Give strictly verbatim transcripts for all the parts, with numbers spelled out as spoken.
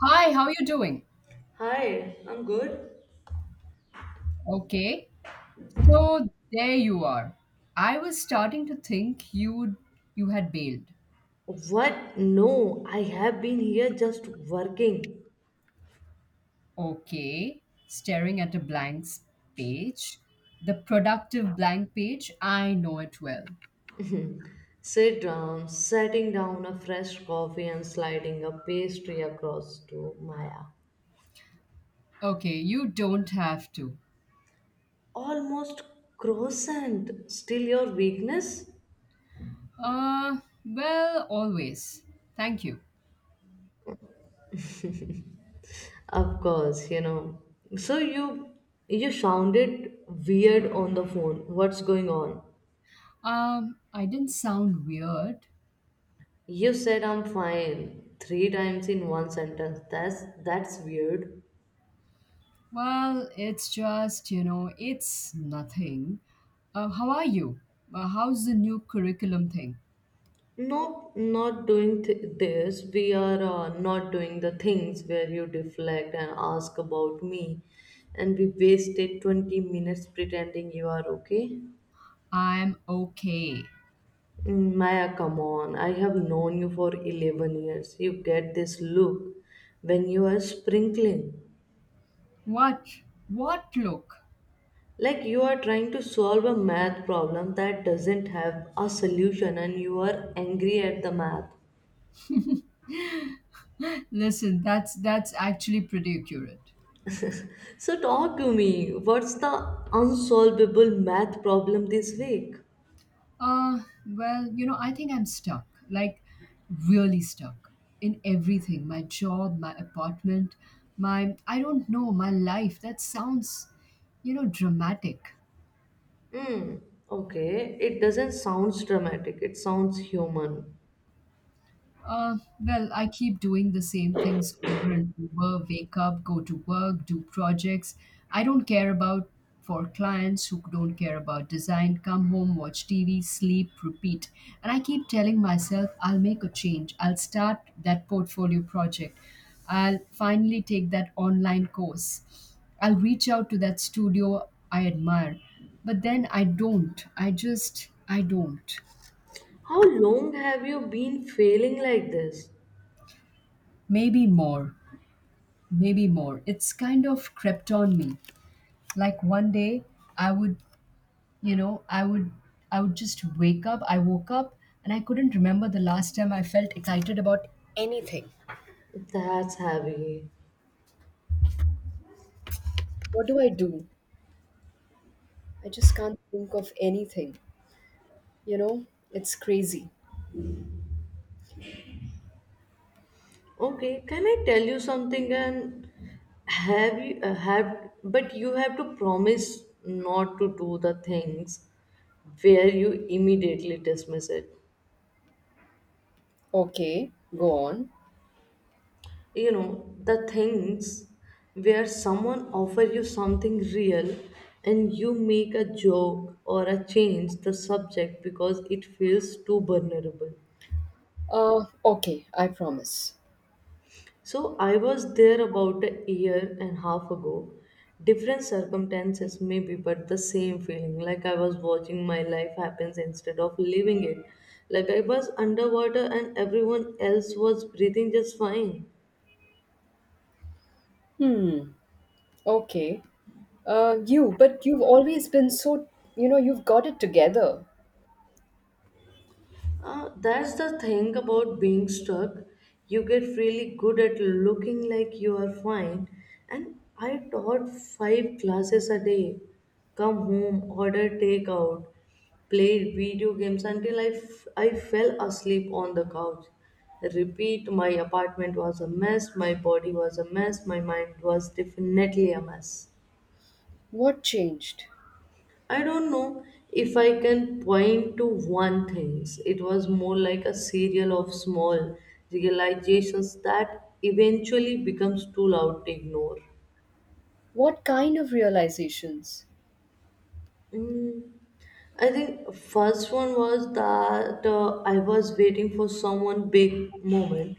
Hi, how you doing? Hi, I'm good. Okay. So there you are. I was starting to think you you had bailed. What? No, I have been here just working. Okay. Staring at a blank s- page. The productive blank page. I know it well. Sit down, setting down a fresh coffee and sliding a pastry across to Maya. Okay, you don't have to. Almost croissant. Still your weakness? Uh, well, always. Thank you. Of course, you know. So you you sounded weird on the phone. What's going on? Um, I didn't sound weird. You said I'm fine three times in one sentence. That's that's weird. Well, it's just, you know, it's nothing. Uh, how are you? Uh, how's the new curriculum thing? Nope, not doing th- this. We are uh, not doing the things where you deflect and ask about me, and we wasted twenty minutes pretending you are okay. I'm okay. Mm, Maya, come on. I have known you for eleven years. You get this look when you are sprinkling. What? What look? Like you are trying to solve a math problem that doesn't have a solution, and you are angry at the math. Listen, that's that's actually pretty accurate. So talk to me. What's the unsolvable math problem this week? Uh, well, you know, I think I'm stuck. Like really stuck in everything. My job, my apartment, my I don't know, my life. That sounds, you know, dramatic. Hmm. Okay. It doesn't sound dramatic. It sounds human. Uh, well, I keep doing the same things over and over, wake up, go to work, do projects I don't care about for clients who don't care about design, come home, watch T V, sleep, repeat. And I keep telling myself, I'll make a change. I'll start that portfolio project. I'll finally take that online course. I'll reach out to that studio I admire. But then I don't. I just, I don't. How long have you been failing like this? Maybe more. Maybe more. It's kind of crept on me. Like one day I would, you know, I would I would just wake up. I woke up and I couldn't remember the last time I felt excited about anything. That's heavy. What do I do? I just can't think of anything. You know, it's crazy. Okay. Can I tell you something? And have you uh, have? But you have to promise not to do the things where you immediately dismiss it. Okay, go on. You know the things where someone offer you something real and you make a joke or a change the subject because it feels too vulnerable. Uh, okay, I promise. So I was there about a year and a half ago, different circumstances maybe, but the same feeling, like I was watching my life happens instead of living it, like I was underwater and everyone else was breathing just fine. Hmm. Okay. Uh, you, but you've always been so, you know, you've got it together. Uh, that's the thing about being stuck. You get really good at looking like you are fine. And I taught five classes a day. Come home, order takeout, played video games until I, f- I fell asleep on the couch. Repeat, my apartment was a mess, my body was a mess, my mind was definitely a mess. What changed? I don't know if I can point to one thing. It was more like a serial of small realizations that eventually becomes too loud to ignore. What kind of realizations? Mm, I think first one was that uh, I was waiting for someone big moment,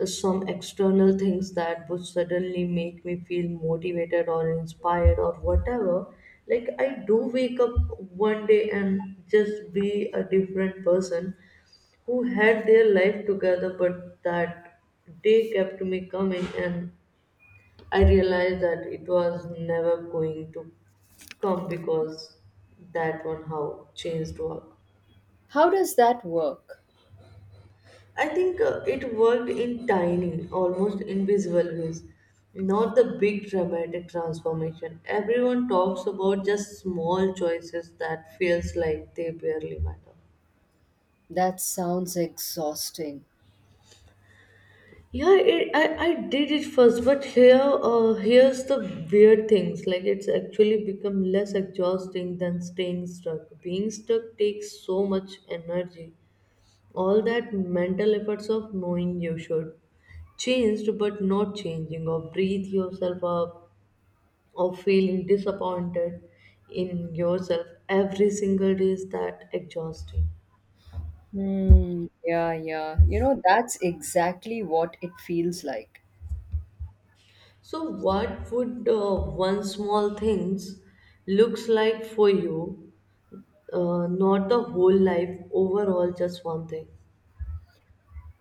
uh, some external things that would suddenly make me feel motivated or inspired or whatever. Like I do wake up one day and just be a different person, who had their life together, but that day kept me coming and I realized that it was never going to come because that one how changed work. How does that work? I think uh, it worked in tiny, almost invisible ways, not the big dramatic transformation. Everyone talks about just small choices that feels like they barely matter. That sounds exhausting. Yeah, it, I, I did it first, but here uh, here's the weird things. Like it's actually become less exhausting than staying stuck. Being stuck takes so much energy. All that mental efforts of knowing you should changed but not changing, or breathe yourself up, or feeling disappointed in yourself every single day is that exhausting. Hmm. Yeah, yeah. You know, that's exactly what it feels like. So what would uh, one small things looks like for you, uh, not the whole life overall, just one thing?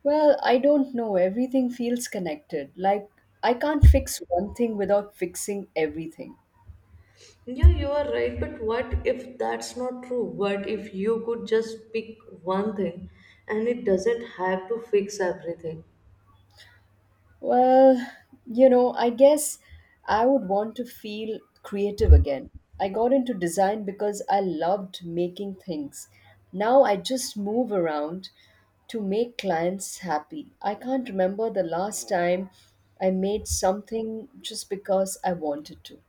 Well, I don't know. Everything feels connected. Like, I can't fix one thing without fixing everything. Yeah, you are right, but what if that's not true? What if you could just pick one thing and it doesn't have to fix everything? Well, you know, I guess I would want to feel creative again. I got into design because I loved making things. Now I just move around to make clients happy. I can't remember the last time I made something just because I wanted to.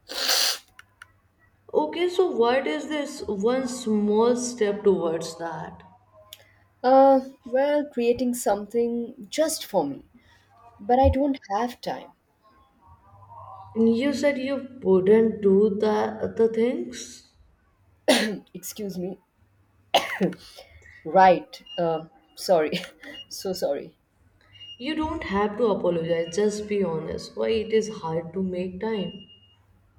Okay, so what is this one small step towards that? Uh, well, creating something just for me, but I don't have time. You said you wouldn't do the the things. Excuse me. Right. Uh, sorry. So sorry. You don't have to apologize, just be honest why it is hard to make time.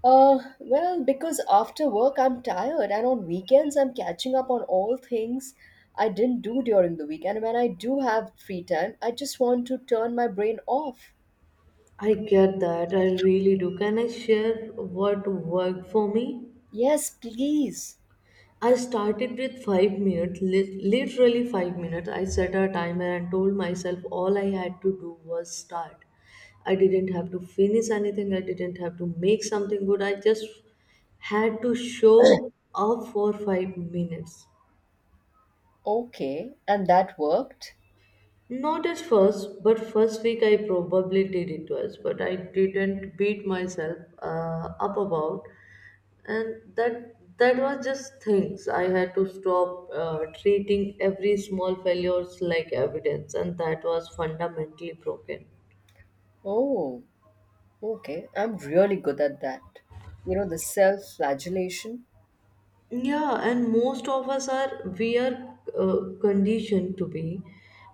Uh, well, because after work I'm tired, and on weekends I'm catching up on all things I didn't do during the week. And when I do have free time, I just want to turn my brain off. I get that, I really do. Can I share what worked for me? Yes, please. I started with five minutes, lit- literally five minutes. I set a timer and told myself all I had to do was start. I didn't have to finish anything, I didn't have to make something good. I just had to show up for five minutes. Okay, and that worked. Not at first, but first week I probably did it twice, but I didn't beat myself uh, up about, and that that was just things. I had to stop uh, treating every small failures like evidence, and that was fundamentally broken. Oh, okay. I'm really good at that. You know, the self-flagellation. Yeah, and most of us are we are uh, conditioned to be.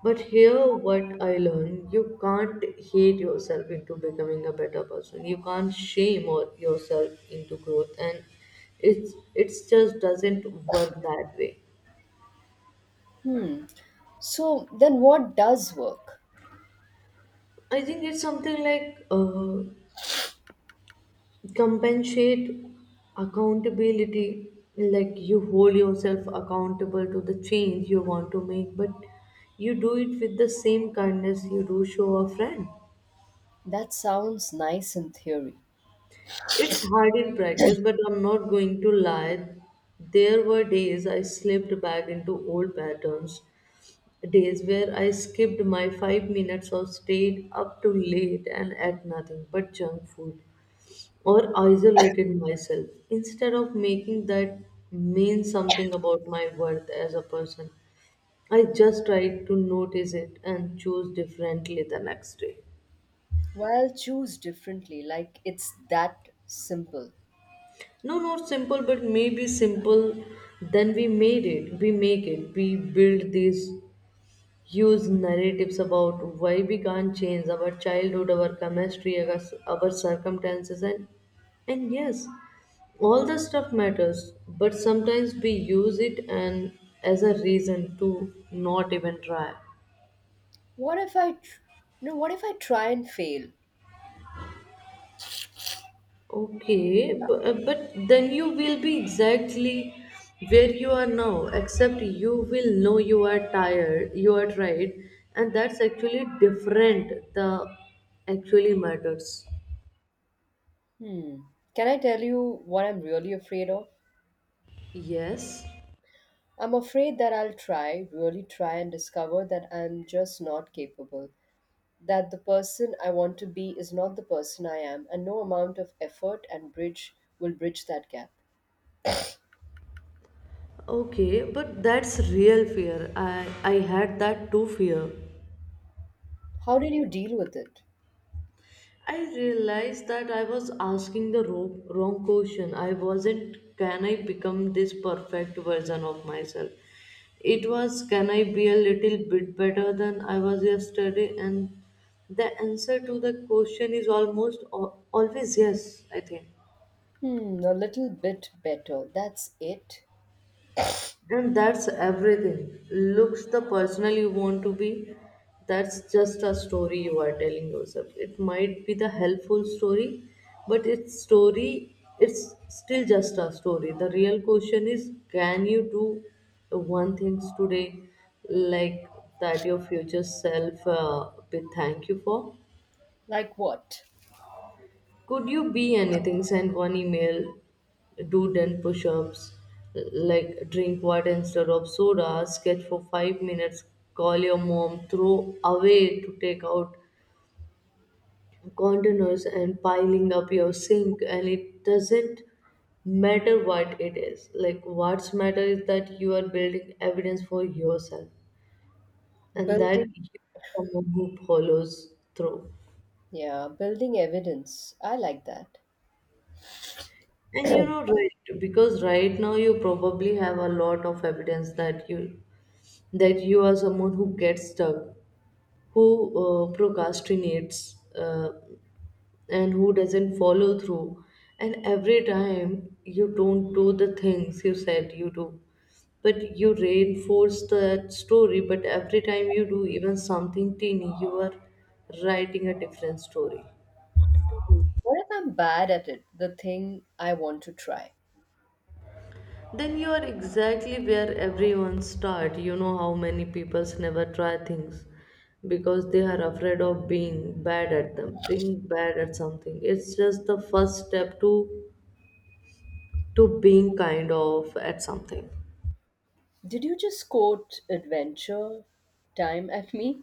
But here, what I learned, you can't hate yourself into becoming a better person. You can't shame or yourself into growth, and it's it's just doesn't work that way. Hmm. So then what does work? I think it's something like uh, compensate accountability, like you hold yourself accountable to the change you want to make, but you do it with the same kindness you do show a friend. That sounds nice in theory. It's hard in practice, but I'm not going to lie, there were days I slipped back into old patterns, days where I skipped my five minutes or stayed up too late and ate nothing but junk food or isolated myself, instead of making that mean something about my worth as a person. I just tried to notice it and choose differently the next day. Well, choose differently, like it's that simple. No, not simple, but maybe simple. Then we made it, we make it, we build these huge narratives about why we can't change our childhood, our chemistry, our, our circumstances, and and yes, all the stuff matters, but sometimes we use it and as a reason to not even try. What if I, tr- No, what if I try and fail? Okay, but, but then you will be exactly where you are now, except you will know you are tired, you are tired and that's actually different, the actually matters. Hmm. Can I tell you what I'm really afraid of? Yes. I'm afraid that I'll try, really try and discover that I'm just not capable. That the person I want to be is not the person I am, and no amount of effort and bridge will bridge that gap. Okay, but that's real fear, i i had that too, fear. How did you deal with it? I realized that I was asking the wrong, wrong question. I wasn't, can I become this perfect version of myself? It was, can I be a little bit better than I was yesterday? And the answer to the question is almost al- always yes, I think. Hmm, a little bit better. That's it. And that's everything. Looks the person you want to be. That's just a story you are telling yourself. It might be the helpful story, but it's story it's still just a story. The real question is, can you do one things today like that your future self uh, will thank you for? Like what? Could you be anything? Send one email, do ten push ups, like drink water instead of soda, sketch for five minutes, call your mom, throw away to take out containers and piling up your sink, and it doesn't matter what it is. Like, what's matter is that you are building evidence for yourself and that Building, you- someone who follows through. yeah, building evidence. I like that. And you know, right, because right now you probably have a lot of evidence that you that you are someone who gets stuck, who uh, procrastinates, uh, and who doesn't follow through. And every time you don't do the things you said you do, but you reinforce that story. But every time you do even something teeny, you are writing a different story. What if I'm bad at it? The thing I want to try. Then you are exactly where everyone start. You know how many peoples never try things because they are afraid of being bad at them, being bad at something. It's just the first step to to being kind of at something. Did you just quote adventure time at me?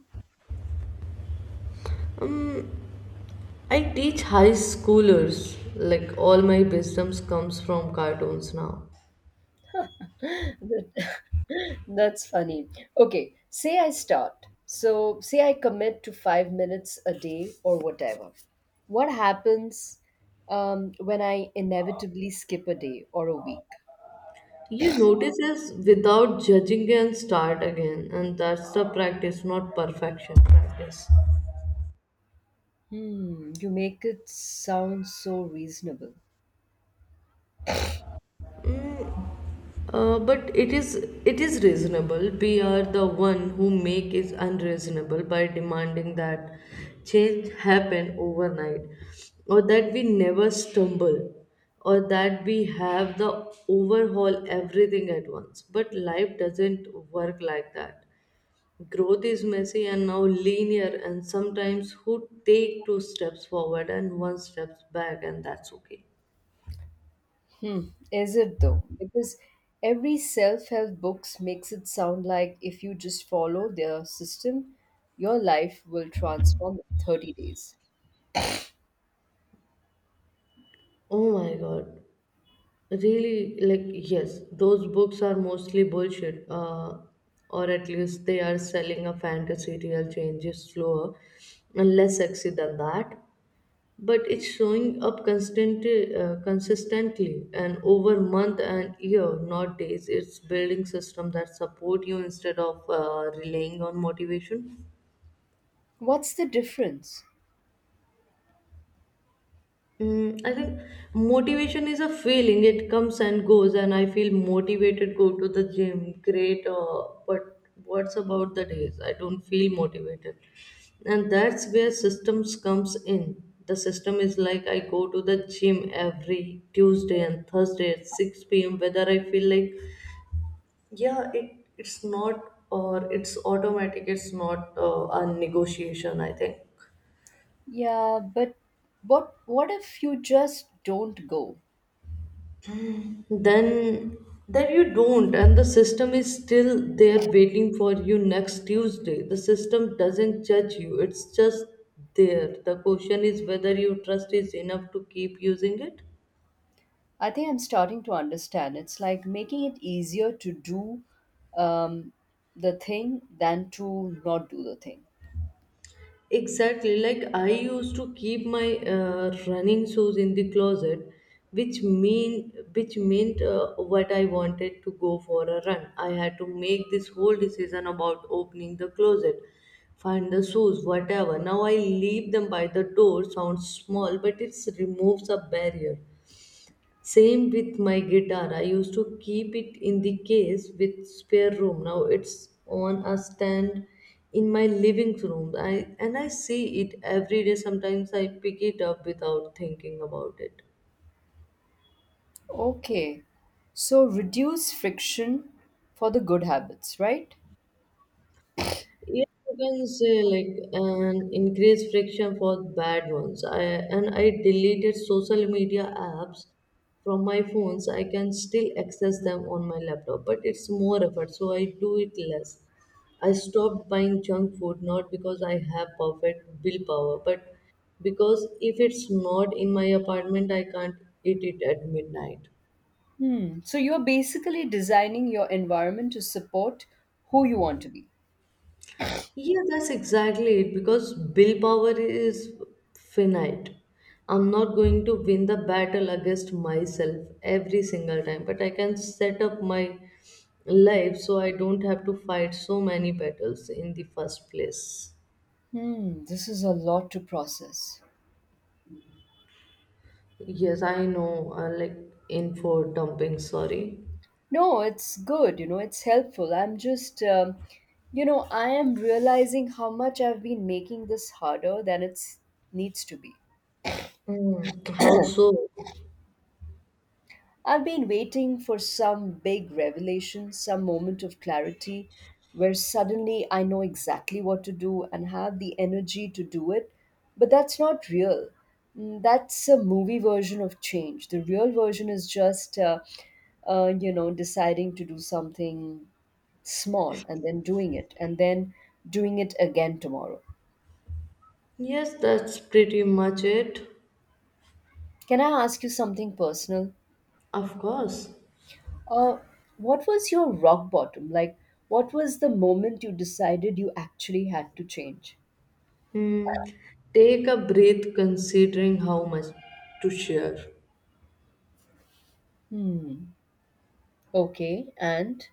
Um, I teach high schoolers. Like all my wisdoms comes from cartoons now. That- That's funny. Okay, say I start. So, say I commit to five minutes a day or whatever. What happens um, when I inevitably skip a day or a week? You notice us without judging and start again, and that's the practice, not perfection. Practice. Hmm, you make it sound so reasonable. Uh, but it is it is reasonable. We are the one who make it unreasonable by demanding that change happen overnight, or that we never stumble, or that we have the overhaul everything at once. But life doesn't work like that. Growth is messy and now linear, and sometimes who take two steps forward and one steps back, and that's okay. Hmm. Is it though? Because every self-help books makes it sound like if you just follow their system, your life will transform in thirty days. Oh my god. Really, like, yes, those books are mostly bullshit, uh, or at least they are selling a fantasy, real change is slower and less sexy than that. But it's showing up constantly, uh, consistently and over month and year, not days. It's building system that support you instead of uh, relying on motivation. What's the difference? Mm, I think motivation is a feeling. It comes and goes, and I feel motivated go to the gym. Great, uh, but what's about the days I don't feel motivated? And that's where systems comes in. The system is like I go to the gym every Tuesday and Thursday at six p m. Whether I feel like yeah, it it's not, or it's automatic. It's not uh, a negotiation. I think Yeah, but what what if you just don't go? then then you don't, and the system is still there waiting for you next Tuesday. The system doesn't judge you, it's just there. The question is whether your trust is enough to keep using it. I think I'm starting to understand. It's like making it easier to do um, the thing than to not do the thing. Exactly. Like I used to keep my uh, running shoes in the closet, which mean which meant uh, what I wanted to go for a run. I had to make this whole decision about opening the closet, find the shoes, whatever. Now I leave them by the door. Sounds small, but it removes a barrier. Same with my guitar. I used to keep it in the case with spare room. Now it's on a stand in my living room. I and I see it every day. Sometimes I pick it up without thinking about it. Okay. So reduce friction for the good habits, right? Yeah, you can say like an increased friction for bad ones. I and I deleted social media apps from my phones. I can still access them on my laptop, but it's more effort, so I do it less. I stopped buying junk food not because I have perfect willpower, but because if it's not in my apartment, I can't eat it at midnight. Hmm. So you're basically designing your environment to support who you want to be. Yeah, that's exactly it because willpower is finite. I'm not going to win the battle against myself every single time, but I can set up my life so I don't have to fight so many battles in the first place. Hmm. This is a lot to process. Yes, I know, uh, like info dumping, sorry. No, it's good. You know, it's helpful. I'm just, um, you know, I am realizing how much I've been making this harder than it's needs to be. Mm, how so? I've been waiting for some big revelation, some moment of clarity where suddenly I know exactly what to do and have the energy to do it. But that's not real. Mm, that's a movie version of change. The real version is just, uh, uh, you know, deciding to do something small and then doing it and then doing it again tomorrow. Yes, that's pretty much it. Can I ask you something personal? Of course. Uh, what was your rock bottom? Like, what was the moment you decided you actually had to change? Hmm. Take a breath considering how much to share. Hmm. Okay. And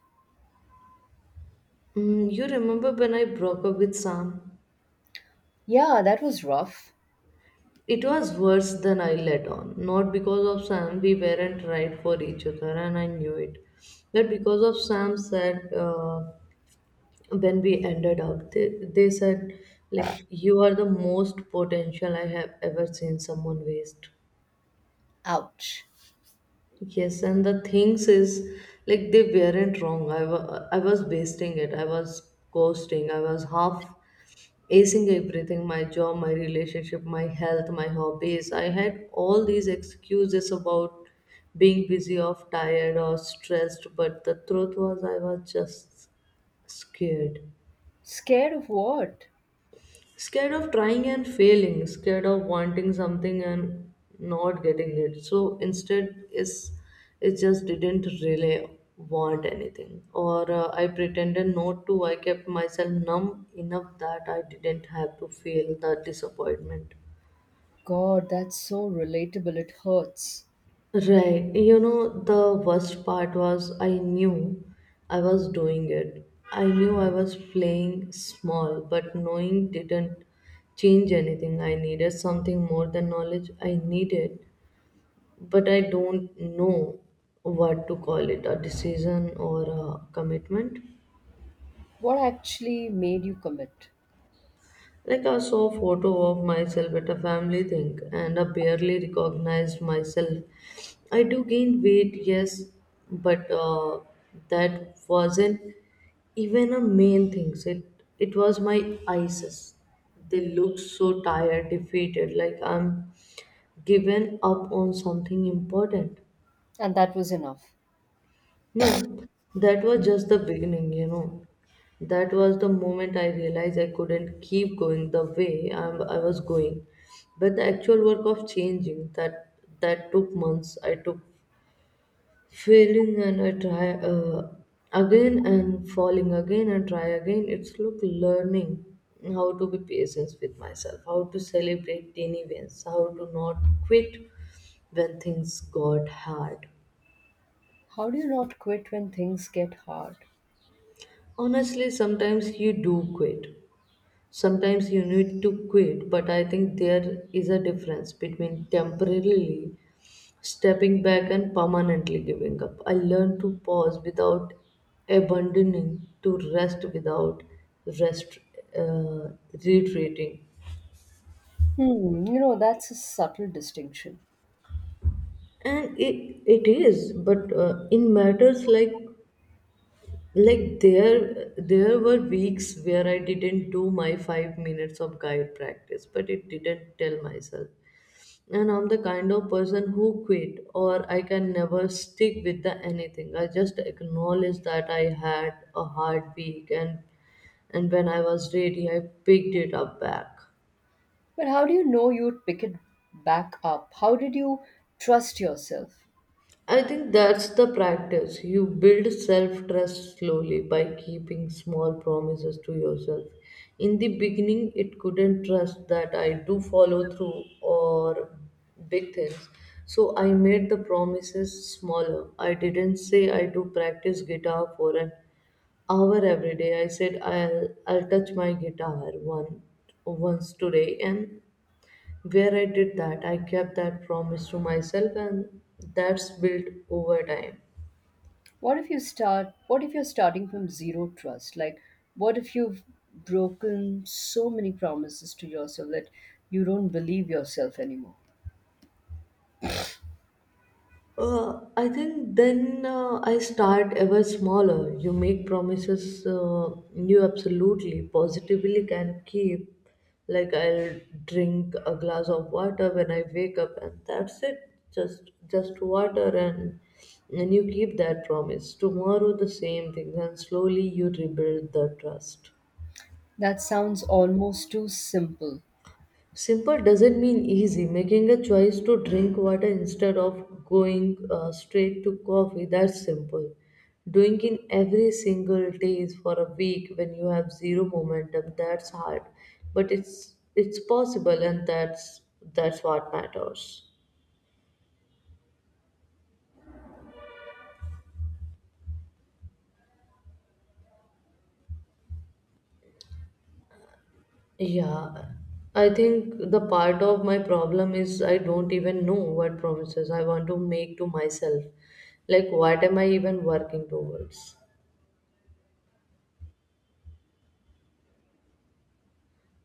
Mm, you remember when I broke up with Sam? yeah, that was rough. It was worse than I let on. Not because of Sam, we weren't right for each other, and I knew it. But because of Sam said, uh, when we ended up, they, they said, like, you are the most potential I have ever seen someone waste. Ouch. Yes, and the things is like they weren't wrong. I wa- I was wasting it. I was coasting. I was half acing everything, my job, my relationship, my health, my hobbies. I had all these excuses about being busy or tired or stressed, but the truth was I was just scared. Scared of what? Scared of trying and failing, scared of wanting something and not getting it, so instead is it just didn't really want anything, or uh, I pretended not to. I kept myself numb enough that I didn't have to feel the disappointment. God, that's so relatable. It hurts. Right. You know, the worst part was I knew I was doing it. I knew I was playing small, but knowing didn't change anything. I needed something more than knowledge. I needed, but I don't know what to call it, a decision or a commitment. What actually made you commit? Like I saw a photo of myself at a family thing and I barely recognized myself. I do gain weight, yes, but uh, that wasn't even a main thing. It it was my eyes. They looked so tired, defeated, like I'm given up on something important. And that was enough. No, that was just the beginning, you know. That was the moment I realized I couldn't keep going the way I, I was going. But the actual work of changing that that took months. I took failing and I try uh, again and falling again and try again. It's look learning how to be patient with myself, how to celebrate tiny wins, how to not quit when things got hard. How do you not quit when things get hard? Honestly, sometimes you do quit. Sometimes you need to quit, but I think there is a difference between temporarily stepping back and permanently giving up. I learned to pause without abandoning, to rest without rest uh, retreating. Hmm, you know, that's a subtle distinction. and it, it is, but uh, in matters like like there there were weeks where I didn't do my five minutes of guide practice, but it didn't tell myself and I'm the kind of person who quit or I can never stick with the anything. I just acknowledge that I had a hard week, and and when I was ready I picked it up back. But how do you know you'd pick it back up? How did you trust yourself? I think that's the practice. You build self trust slowly by keeping small promises to yourself. In the beginning, it couldn't trust that I do follow through or big things. So I made the promises smaller. I didn't say I do practice guitar for an hour every day. I said I'll I'll touch my guitar one once today, and where I did that, I kept that promise to myself, and that's built over time. What if you start, what if you're starting from zero trust? Like, what if you've broken so many promises to yourself that you don't believe yourself anymore? Uh, I think then uh, I start ever smaller. You make promises uh, you absolutely positively can keep. Like I'll drink a glass of water when I wake up, and that's it. Just just water, and and you keep that promise. Tomorrow the same thing, and slowly you rebuild the trust. That sounds almost too simple. Simple doesn't mean easy. Making a choice to drink water instead of going uh, straight to coffee, that's simple. Doing it every single day is for a week when you have zero momentum, that's hard. But it's it's possible, and that's that's what matters. Yeah, I think the part of my problem is I don't even know what promises I want to make to myself. Like, what am I even working towards?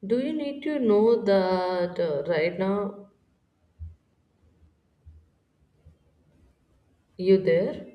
Do you need to know that uh, right now you there?